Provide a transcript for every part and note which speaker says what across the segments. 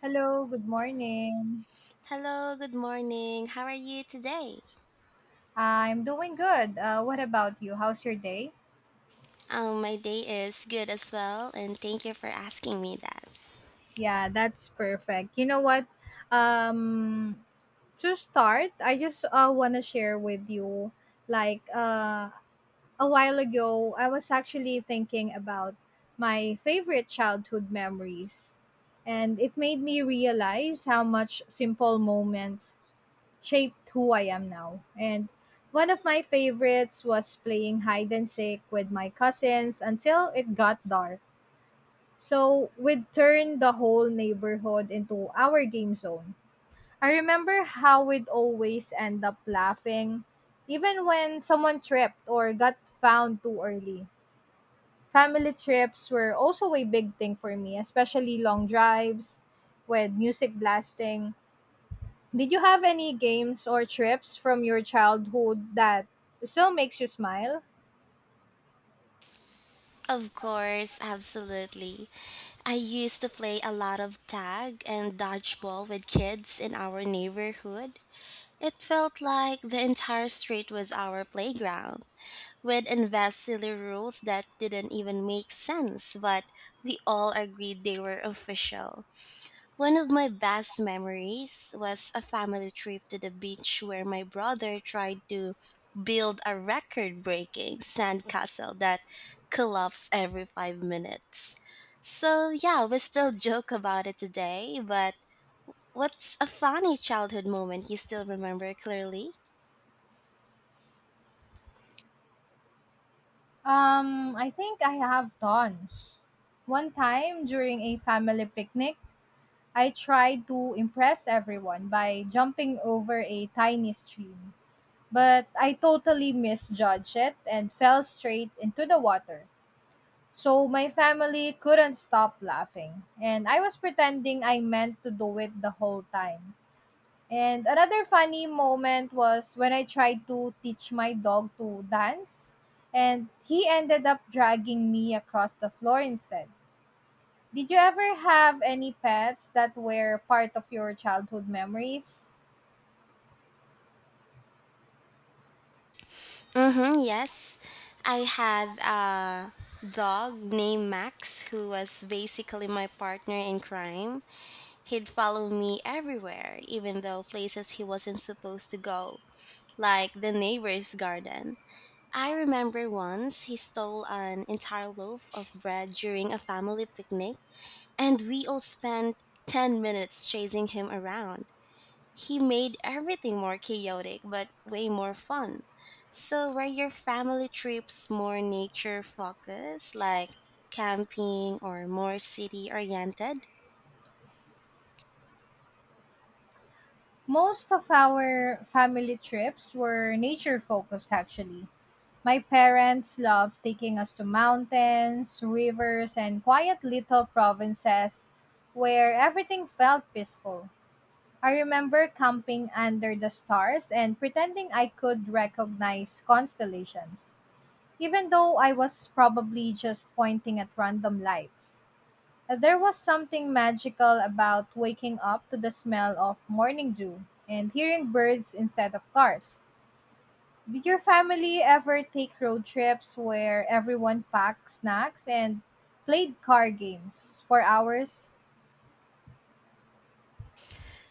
Speaker 1: Hello, good morning.
Speaker 2: Hello, good morning. How are you today?
Speaker 1: I'm doing good. What about you? How's your day?
Speaker 2: My day is good as well, and thank you for asking me that.
Speaker 1: Yeah, that's perfect. You know what? Um, to start, I just want to share with you like uh, a while ago, I was actually thinking about my favorite childhood memories. And it made me realize how much simple moments shaped who I am now. And one of my favorites was playing hide and seek with my cousins until it got dark. So we'd turn the whole neighborhood into our game zone. I remember how we'd always end up laughing, even when someone tripped or got found too early. Family trips were also a big thing for me, especially long drives with music blasting. Did you have any games or trips from your childhood that still makes you smile?
Speaker 2: Of course, absolutely. I used to play a lot of tag and dodgeball with kids in our neighborhood. It felt like the entire street was our playground, with invest silly rules that didn't even make sense, but we all agreed they were official. One of my best memories was a family trip to the beach where my brother tried to build a record breaking sandcastle that collapsed every 5 minutes. So, yeah, we still joke about it today, but what's a funny childhood moment you still remember clearly?
Speaker 1: I think I have tons. One time during a family picnic, I tried to impress everyone by jumping over a tiny stream. But I totally misjudged it and fell straight into the water. So my family couldn't stop laughing. And I was pretending I meant to do it the whole time. And another funny moment was when I tried to teach my dog to dance, and he ended up dragging me across the floor instead. Did you ever have any pets that were part of your childhood memories?
Speaker 2: Mm-hmm, yes. I had a dog named Max who was basically my partner in crime. He'd follow me everywhere, even though places he wasn't supposed to go, like the neighbor's garden. I remember once he stole an entire loaf of bread during a family picnic, and we all spent 10 minutes chasing him around. He made everything more chaotic, but way more fun. So, were your family trips more nature focused, like camping, or more city oriented?
Speaker 1: Most of our family trips were nature focused actually. My parents loved taking us to mountains, rivers, and quiet little provinces where everything felt peaceful. I remember camping under the stars and pretending I could recognize constellations, even though I was probably just pointing at random lights. There was something magical about waking up to the smell of morning dew and hearing birds instead of cars. Did your family ever take road trips where everyone packed snacks and played car games for hours?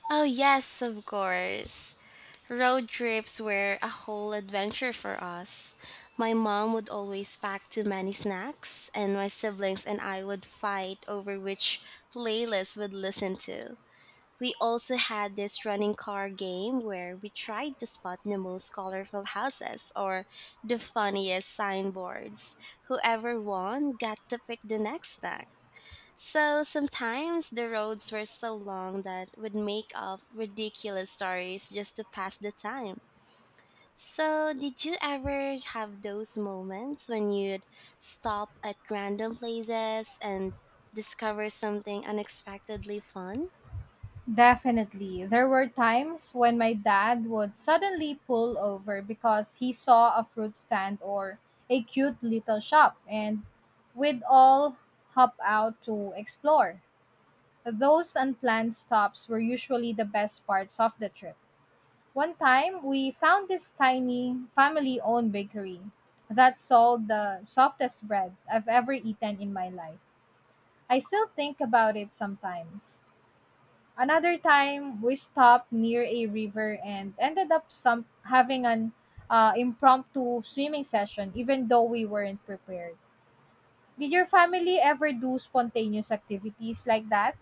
Speaker 2: Oh, yes, of course. Road trips were a whole adventure for us. My mom would always pack too many snacks, and my siblings and I would fight over which playlist we'd listen to. We also had this running car game where we tried to spot the most colorful houses or the funniest signboards. Whoever won got to pick the next snack. So sometimes the roads were so long that we'd make up ridiculous stories just to pass the time. So, did you ever have those moments when you'd stop at random places and discover something unexpectedly fun?
Speaker 1: Definitely. There were times when my dad would suddenly pull over because he saw a fruit stand or a cute little shop and we'd all hop out to explore. Those unplanned stops were usually the best parts of the trip. One time, we found this tiny family owned bakery that sold the softest bread I've ever eaten in my life. I still think about it sometimes. Another time, we stopped near a river and ended up having an impromptu swimming session, even though we weren't prepared. Did your family ever do spontaneous activities like that?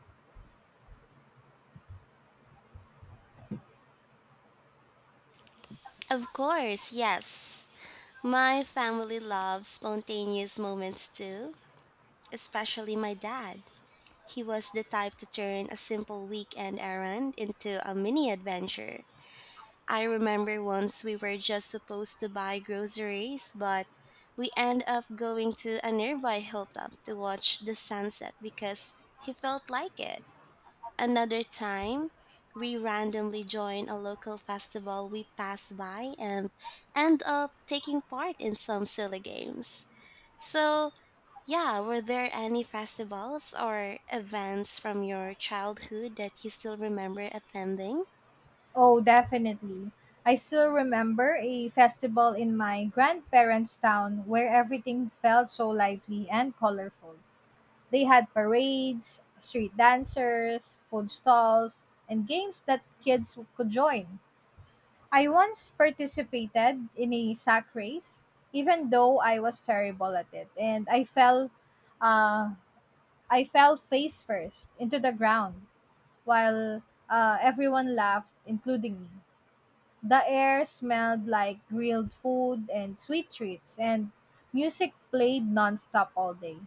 Speaker 2: Of course, yes. My family loves spontaneous moments too, especially my dad. He was the type to turn a simple weekend errand into a mini adventure. I remember once we were just supposed to buy groceries, but we end up going to a nearby hilltop to watch the sunset because he felt like it. Another time, we randomly join a local festival we pass by and end up taking part in some silly games. So, yeah, were there any festivals or events from your childhood that you still remember attending?
Speaker 1: Oh, definitely. I still remember a festival in my grandparents' town where everything felt so lively and colorful. They had parades, street dancers, food stalls, and games that kids could join. I once participated in a sack race, even though I was terrible at it, and uh, I fell face first into the ground while everyone laughed, including me. The air smelled like grilled food and sweet treats, and music played nonstop all day.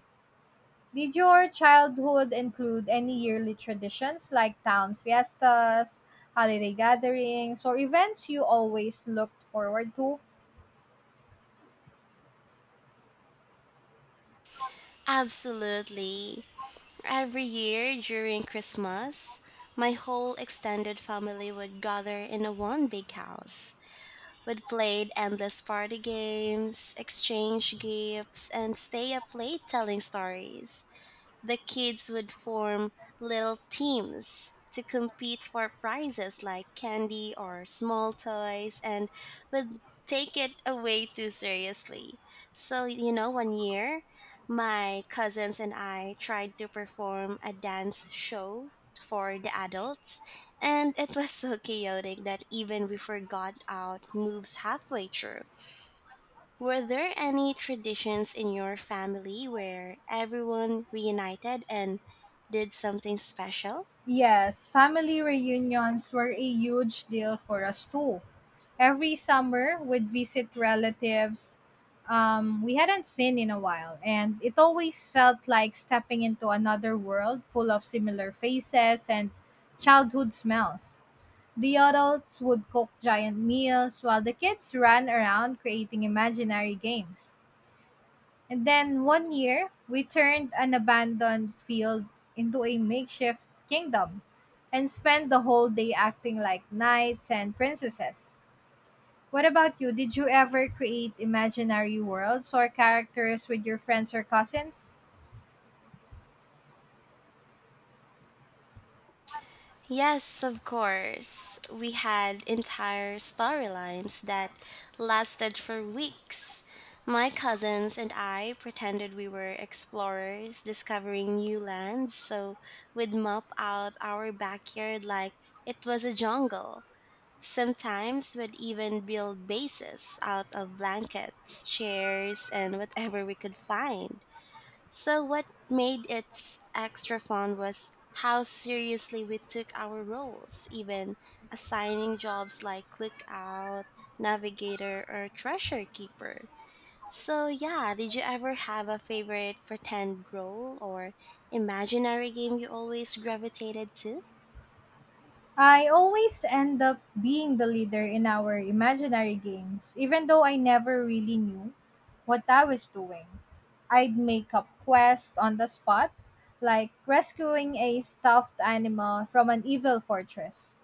Speaker 1: Did your childhood include any yearly traditions like town fiestas, holiday gatherings, or events you always looked forward to?
Speaker 2: Absolutely. Every year during Christmas, my whole extended family would gather in a one big house. We'd play endless party games, exchange gifts, and stay up late telling stories. The kids would form little teams to compete for prizes like candy or small toys and would take it away too seriously. So, one year, my cousins and I tried to perform a dance show for the adults, and it was so chaotic that even we forgot out moves halfway through. Were there any traditions in your family where everyone reunited and did something special?
Speaker 1: Yes, family reunions were a huge deal for us too. Every summer, we'd visit relatives we hadn't seen in a while, and it always felt like stepping into another world full of similar faces and childhood smells. The adults would cook giant meals while the kids ran around creating imaginary games. And then one year, we turned an abandoned field into a makeshift kingdom and spent the whole day acting like knights and princesses. What about you? Did you ever create imaginary worlds or characters with your friends or cousins?
Speaker 2: Yes, of course. We had entire storylines that lasted for weeks. My cousins and I pretended we were explorers discovering new lands, so we'd map out our backyard like it was a jungle. Sometimes we'd even build bases out of blankets, chairs, and whatever we could find. So, what made it extra fun was how seriously we took our roles, even assigning jobs like lookout, navigator, or treasure keeper. So, yeah, did you ever have a favorite pretend role or imaginary game you always gravitated to?
Speaker 1: I always end up being the leader in our imaginary games, even though I never really knew what I was doing. I'd make up quests on the spot, like rescuing a stuffed animal from an evil fortress,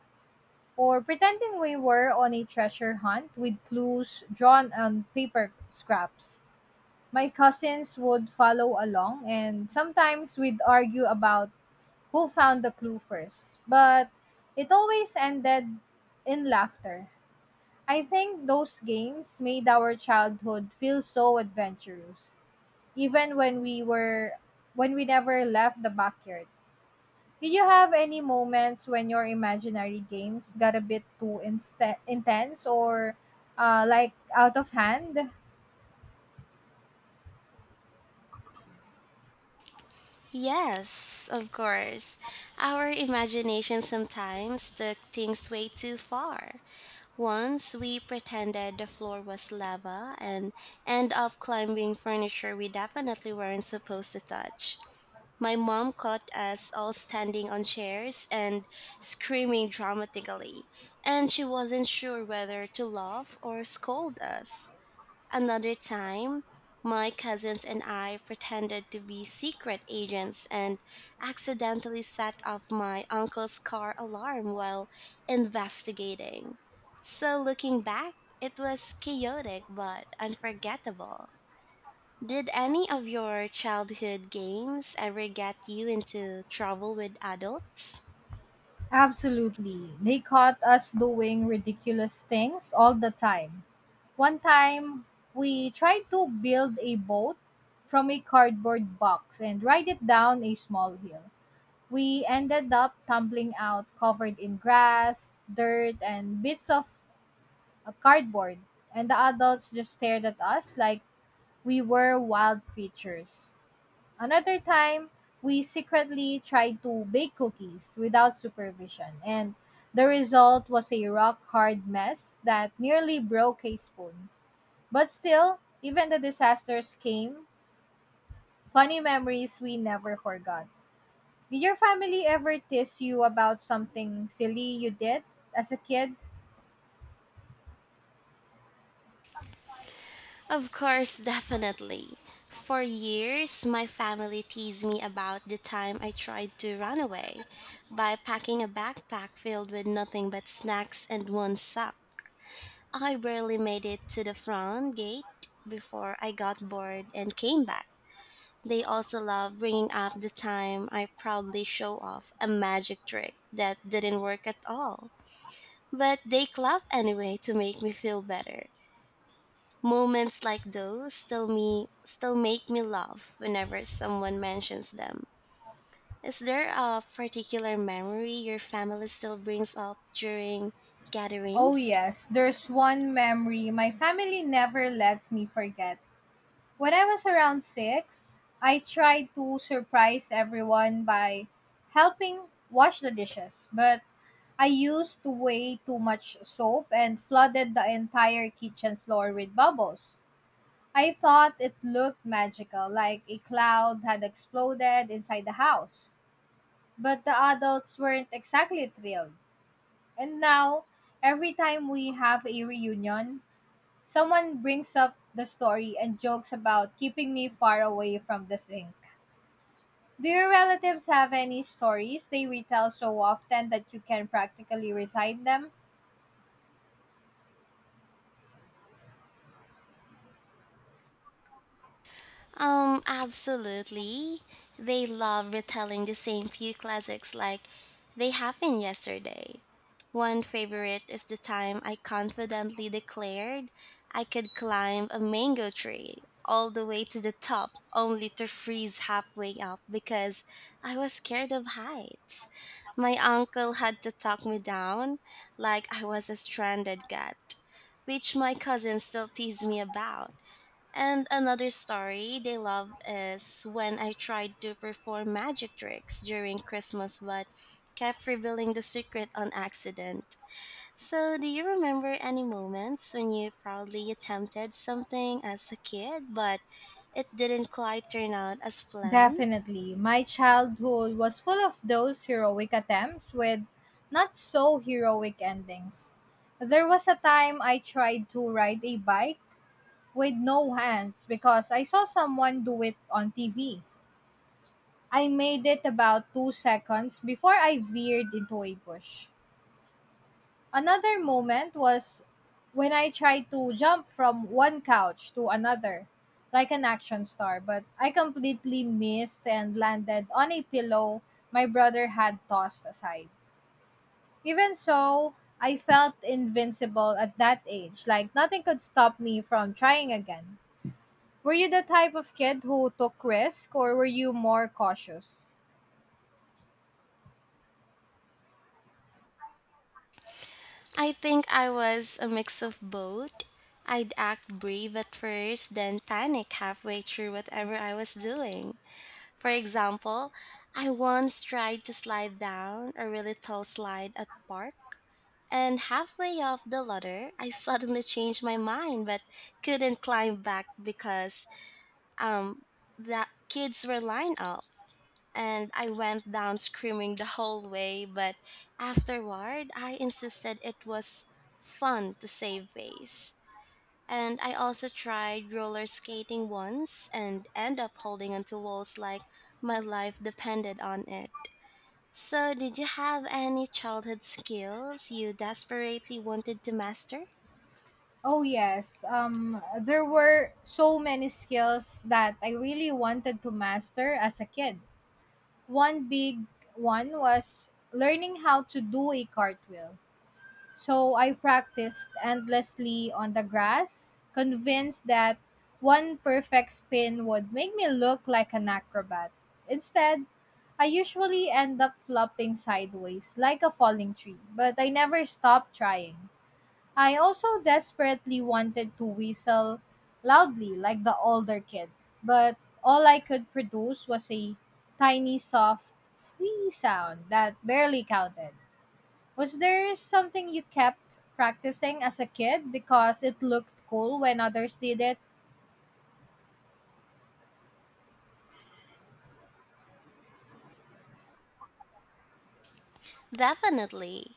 Speaker 1: or pretending we were on a treasure hunt with clues drawn on paper scraps. My cousins would follow along, and sometimes we'd argue about who found the clue first, but it always ended in laughter. I think those games made our childhood feel so adventurous, even when we were when we never left the backyard. Did you have any moments when your imaginary games got a bit too inst intense or like out of hand?
Speaker 2: Yes, of course. Our imagination sometimes took things way too far. Once we pretended the floor was lava and end up climbing furniture we definitely weren't supposed to touch. My mom caught us all standing on chairs and screaming dramatically, and she wasn't sure whether to laugh or scold us. Another time, my cousins and I pretended to be secret agents and accidentally set off my uncle's car alarm while investigating. So, looking back, it was chaotic but unforgettable. Did any of your childhood games ever get you into trouble with adults?
Speaker 1: Absolutely. They caught us doing ridiculous things all the time. One time, we tried to build a boat from a cardboard box and ride it down a small hill. We ended up tumbling out covered in grass, dirt, and bits of cardboard, and the adults just stared at us like we were wild creatures. Another time, we secretly tried to bake cookies without supervision, and the result was a rock hard mess that nearly broke a spoon. But still, even the disasters came, funny memories we never forgot. Did your family ever tease you about something silly you did as a kid?
Speaker 2: Of course, definitely. For years, my family teased me about the time I tried to run away by packing a backpack filled with nothing but snacks and one sock. I barely made it to the front gate before I got bored and came back. They also love bringing up the time I proudly show off a magic trick that didn't work at all. But they clap anyway to make me feel better. Moments like those still make me laugh whenever someone mentions them. Is there a particular memory your family still brings up during
Speaker 1: Oh,
Speaker 2: gatherings?
Speaker 1: yes, there's one memory my family never lets me forget. When I was around six, I tried to surprise everyone by helping wash the dishes, but I used way too much soap and flooded the entire kitchen floor with bubbles. I thought it looked magical, like a cloud had exploded inside the house. But the adults weren't exactly thrilled. And now, every time we have a reunion, someone brings up the story and jokes about keeping me far away from the sink. Do your relatives have any stories they retell so often that you can practically recite them?
Speaker 2: Absolutely. They love retelling the same few classics like they happened yesterday. One favorite is the time I confidently declared I could climb a mango tree all the way to the top only to freeze halfway up because I was scared of heights. My uncle had to talk me down like I was a stranded cat, which my cousins still tease me about. And another story they love is when I tried to perform magic tricks during Christmas but kept revealing the secret on accident. So, do you remember any moments when you proudly attempted something as a kid but it didn't quite turn out as planned?
Speaker 1: Definitely. My childhood was full of those heroic attempts with not so heroic endings. There was a time I tried to ride a bike with no hands because I saw someone do it on TV. I made it about 2 seconds before I veered into a bush. Another moment was when I tried to jump from one couch to another, like an action star, but I completely missed and landed on a pillow my brother had tossed aside. Even so, I felt invincible at that age, like nothing could stop me from trying again. Were you the type of kid who took risk or were you more cautious?
Speaker 2: I think I was a mix of both. I'd act brave at first, then panic halfway through whatever I was doing. For example, I once tried to slide down a really tall slide at park, and halfway up the ladder, I suddenly changed my mind but couldn't climb back because um the kids were lined up. And I went down screaming the whole way, but afterward, I insisted it was fun to save face. And I also tried roller skating once and end up holding onto walls like my life depended on it. So, did you have any childhood skills you desperately wanted to master?
Speaker 1: Oh yes. There were so many skills that I really wanted to master as a kid. One big one was learning how to do a cartwheel. So I practiced endlessly on the grass, convinced that one perfect spin would make me look like an acrobat. Instead, I usually end up flopping sideways like a falling tree, but I never stopped trying. I also desperately wanted to whistle loudly like the older kids, but all I could produce was a tiny soft wee sound that barely counted. Was there something you kept practicing as a kid because it looked cool when others did it?
Speaker 2: Definitely.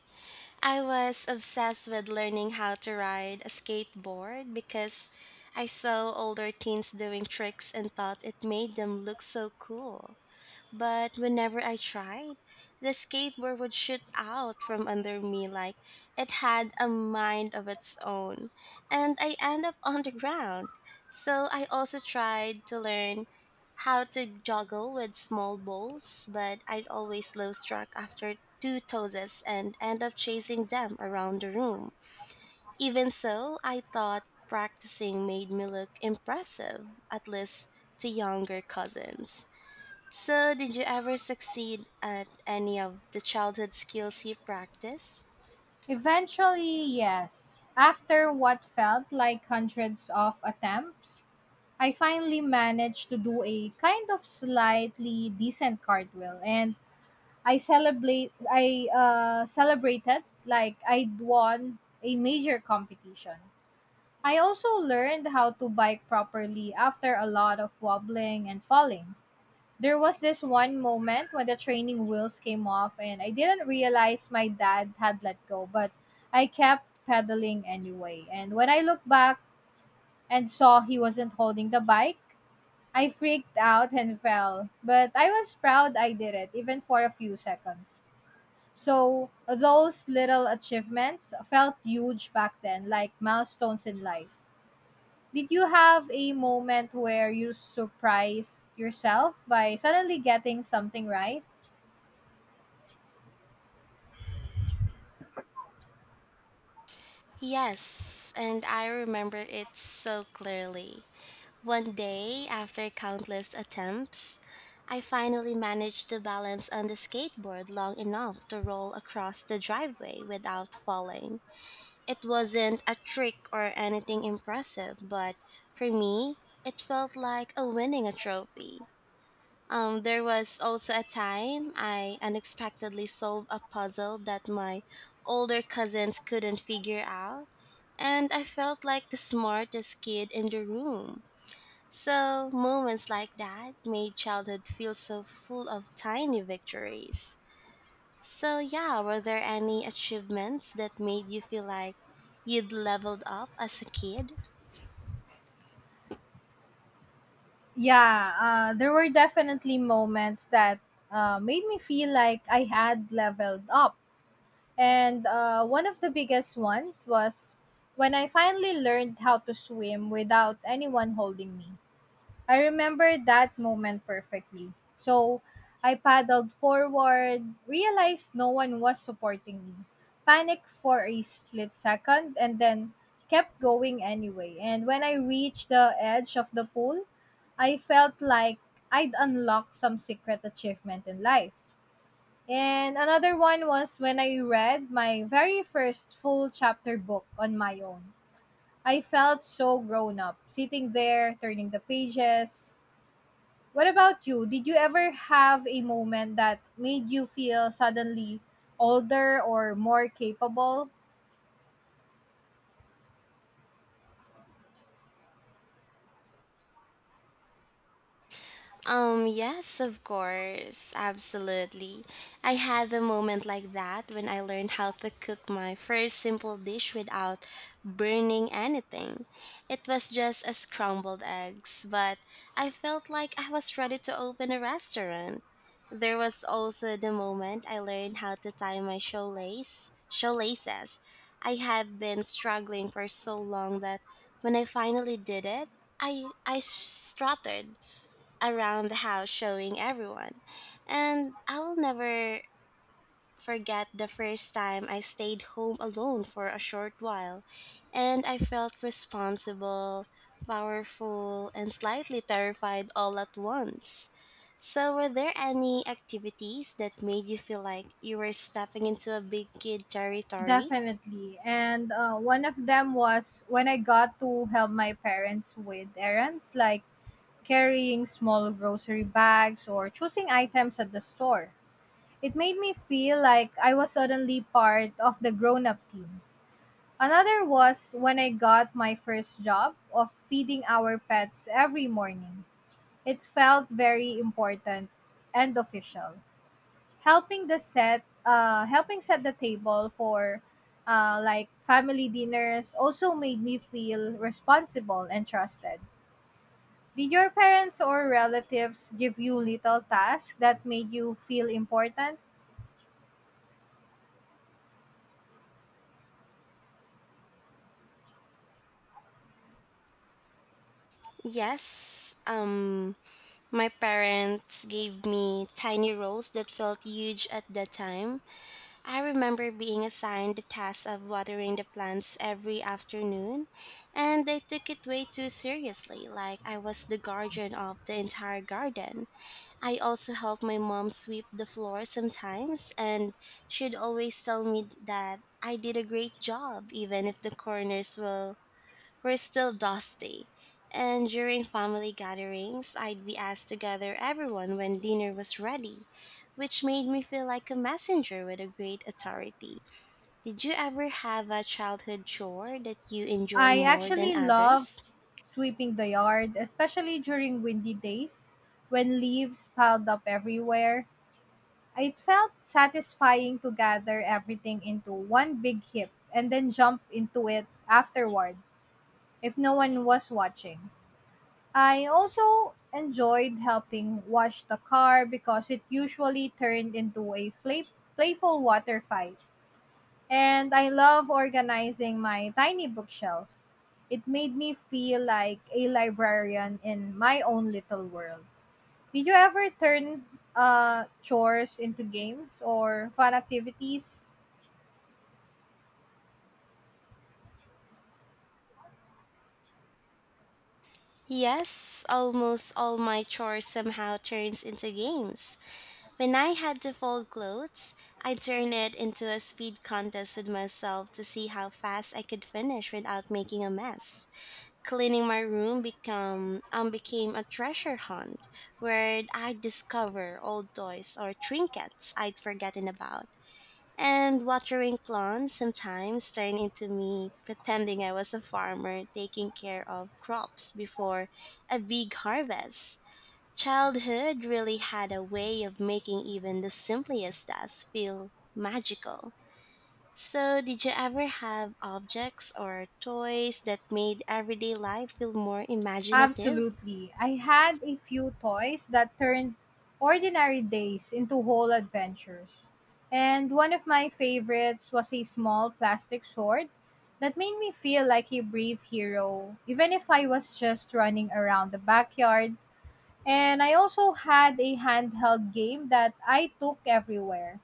Speaker 2: I was obsessed with learning how to ride a skateboard because I saw older teens doing tricks and thought it made them look so cool. But whenever I tried, the skateboard would shoot out from under me like it had a mind of its own, and I end up on the ground. So I also tried to learn how to juggle with small balls, but I'd always lose track after two tosses and end up chasing them around the room. Even so, I thought practicing made me look impressive, at least to younger cousins. So, did you ever succeed at any of the childhood skills you practice?
Speaker 1: Eventually, yes. After what felt like hundreds of attempts, I finally managed to do a kind of slightly decent cartwheel and I celebrated like I'd won a major competition. I also learned how to bike properly after a lot of wobbling and falling. There was this one moment when the training wheels came off and I didn't realize my dad had let go, but I kept pedaling anyway. And when I looked back and saw he wasn't holding the bike, I freaked out and fell. But I was proud I did it, even for a few seconds. So those little achievements felt huge back then, like milestones in life. Did you have a moment where you surprised yourself by suddenly getting something right?
Speaker 2: Yes, and I remember it so clearly. One day, after countless attempts, I finally managed to balance on the skateboard long enough to roll across the driveway without falling. It wasn't a trick or anything impressive, but for me, it felt like a winning a trophy. There was also a time I unexpectedly solved a puzzle that my older cousins couldn't figure out, and I felt like the smartest kid in the room. So, moments like that made childhood feel so full of tiny victories. So, yeah, were there any achievements that made you feel like you'd leveled up as a kid?
Speaker 1: Yeah, there were definitely moments that made me feel like I had leveled up. And one of the biggest ones was when I finally learned how to swim without anyone holding me. I remember that moment perfectly. So I paddled forward, realized no one was supporting me, panicked for a split second, and then kept going anyway. And when I reached the edge of the pool, I felt like I'd unlocked some secret achievement in life. And another one was when I read my very first full chapter book on my own. I felt so grown up, sitting there, turning the pages. What about you? Did you ever have a moment that made you feel suddenly older or more capable?
Speaker 2: Yes, of course, absolutely. I had a moment like that when I learned how to cook my first simple dish without burning anything. It was just a scrambled eggs, but I felt like I was ready to open a restaurant. There was also the moment I learned how to tie my shoelaces. I had been struggling for so long that when I finally did it, I strutted around the house showing everyone. And I will never forget the first time I stayed home alone for a short while and I felt responsible, powerful, and slightly terrified all at once. So, were there any activities that made you feel like you were stepping into a big kid territory?
Speaker 1: Definitely. And one of them was when I got to help my parents with errands like carrying small grocery bags or choosing items at the store. It made me feel like I was suddenly part of the grown up team. Another was when I got my first job of feeding our pets every morning. It felt very important and official. Helping helping set the table for like family dinners also made me feel responsible and trusted. Did your parents or relatives give you little tasks that made you feel important?
Speaker 2: Yes, my parents gave me tiny roles that felt huge at that time. I remember being assigned the task of watering the plants every afternoon, and I took it way too seriously, like I was the guardian of the entire garden. I also helped my mom sweep the floor sometimes, and she'd always tell me that I did a great job, even if the corners were still dusty, and during family gatherings, I'd be asked to gather everyone when dinner was ready, which made me feel like a messenger with a great authority. Did you ever have a childhood chore that you enjoy
Speaker 1: I
Speaker 2: more than
Speaker 1: actually love
Speaker 2: others?
Speaker 1: sweeping the yard, especially during windy days when leaves piled up everywhere. It felt satisfying to gather everything into one big heap and then jump into it afterward if no one was watching. I also enjoyed helping wash the car because it usually turned into a playful water fight. And I love organizing my tiny bookshelf. It made me feel like a librarian in my own little world. Did you ever turn chores into games or fun activities?
Speaker 2: Yes, almost all my chores somehow turns into games. When I had to fold clothes, I turned it into a speed contest with myself to see how fast I could finish without making a mess. Cleaning my room become became a treasure hunt where I discover old toys or trinkets I'd forgotten about. And watering plants sometimes turned into me pretending I was a farmer taking care of crops before a big harvest. Childhood really had a way of making even the simplest tasks feel magical. So, did you ever have objects or toys that made everyday life feel more imaginative?
Speaker 1: Absolutely. I had a few toys that turned ordinary days into whole adventures. And one of my favorites was a small plastic sword that made me feel like a brave hero, even if I was just running around the backyard. And I also had a handheld game that I took everywhere,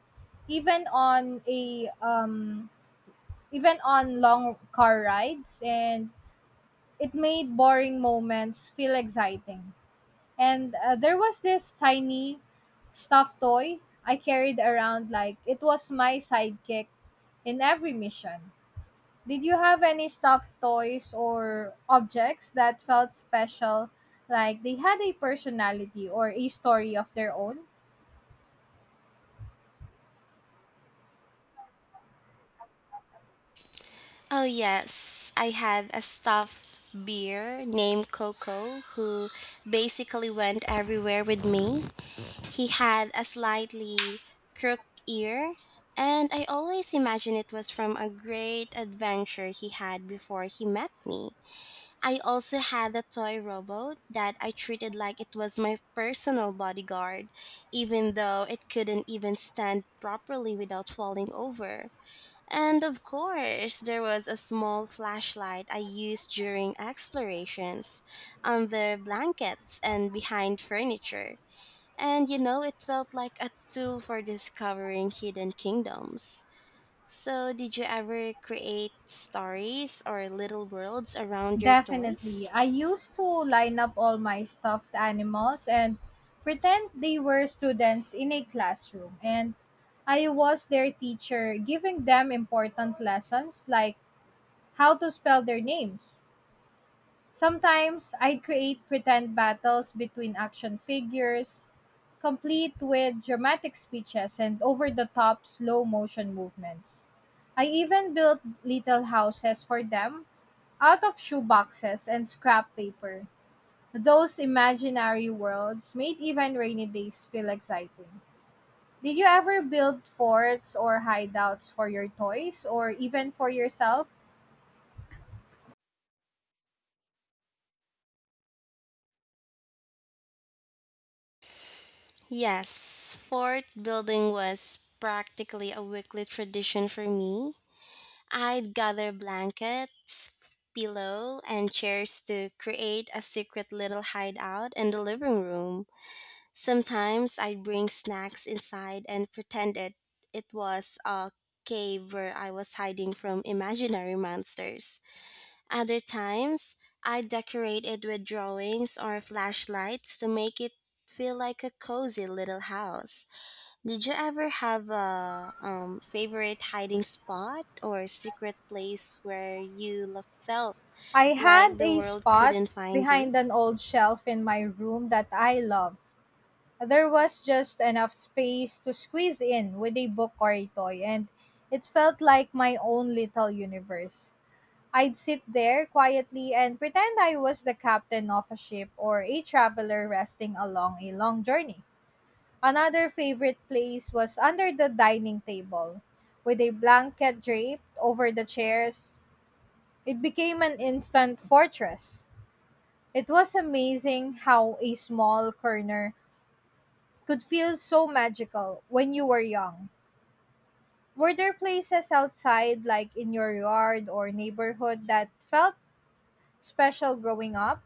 Speaker 1: even on a um, even on long car rides, and it made boring moments feel exciting. And there was this tiny stuffed toy I carried around like it was my sidekick in every mission. Did you have any stuffed toys or objects that felt special, like they had a personality or a story of their own?
Speaker 2: Oh, yes. I had a stuffed bear named Coco who basically went everywhere with me. He had a slightly crooked ear, and I always imagined it was from a great adventure he had before he met me. I also had a toy robot that I treated like it was my personal bodyguard, even though it couldn't even stand properly without falling over. And of course, there was a small flashlight I used during explorations, under blankets and behind furniture. And you know it felt like a tool for discovering hidden kingdoms. So, did you ever create stories or little worlds around your
Speaker 1: Definitely.
Speaker 2: toys?
Speaker 1: I used to line up all my stuffed animals and pretend they were students in a classroom. And I was their teacher, giving them important lessons like how to spell their names. Sometimes I'd create pretend battles between action figures, complete with dramatic speeches and over the top slow motion movements. I even built little houses for them out of shoeboxes and scrap paper. Those imaginary worlds made even rainy days feel exciting. Did you ever build forts or hideouts for your toys or even for yourself?
Speaker 2: Yes, fort building was practically a weekly tradition for me. I'd gather blankets, pillow, and chairs to create a secret little hideout in the living room. Sometimes I'd bring snacks inside and pretend it was a cave where I was hiding from imaginary monsters. Other times, I'd decorate it with drawings or flashlights to make it feel like a cozy little house. Did you ever have a favorite hiding spot or secret place where you felt
Speaker 1: I had
Speaker 2: like the
Speaker 1: a
Speaker 2: world
Speaker 1: spot
Speaker 2: couldn't find you?
Speaker 1: behind an old shelf in my room that I loved. There was just enough space to squeeze in with a book or a toy, and it felt like my own little universe. I'd sit there quietly and pretend I was the captain of a ship or a traveler resting along a long journey. Another favorite place was under the dining table, with a blanket draped over the chairs. It became an instant fortress. It was amazing how a small corner could feel so magical when you were young. Were there places outside, like in your yard or neighborhood, that felt special growing up?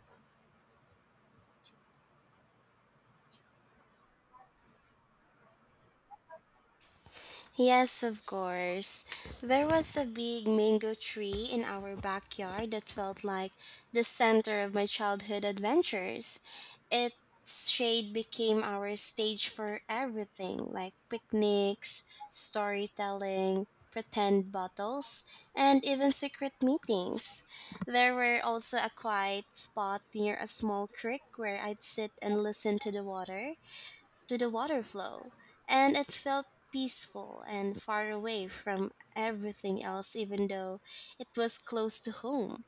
Speaker 2: Yes, of course. There was a big mango tree in our backyard that felt like the center of my childhood adventures. Its shade became our stage for everything like picnics, storytelling, pretend battles, and even secret meetings. There were also a quiet spot near a small creek where I'd sit and listen to the water flow, and it felt peaceful and far away from everything else, even though it was close to home.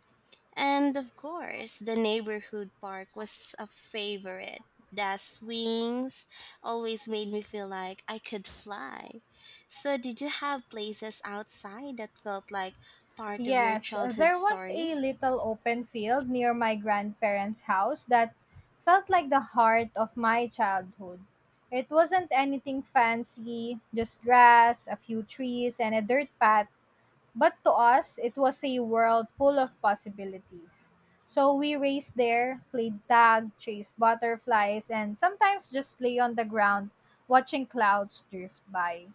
Speaker 2: And of course, the neighborhood park was a favorite. The swings always made me feel like I could fly. So, did you have places outside that felt like part of your
Speaker 1: Yes,
Speaker 2: childhood
Speaker 1: there was
Speaker 2: story?
Speaker 1: a little open field near my grandparents' house that felt like the heart of my childhood. It wasn't anything fancy, just grass, a few trees, and a dirt path, but to us, it was a world full of possibilities. So we raced there, played tag, chased butterflies, and sometimes just lay on the ground watching clouds drift by.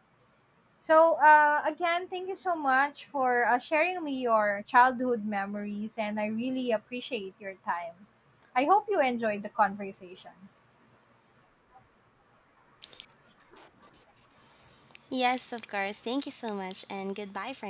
Speaker 1: So, again, thank you so much for sharing me your childhood memories, and I really appreciate your time. I hope you enjoyed the conversation.
Speaker 2: Yes, of course. Thank you so much, and goodbye for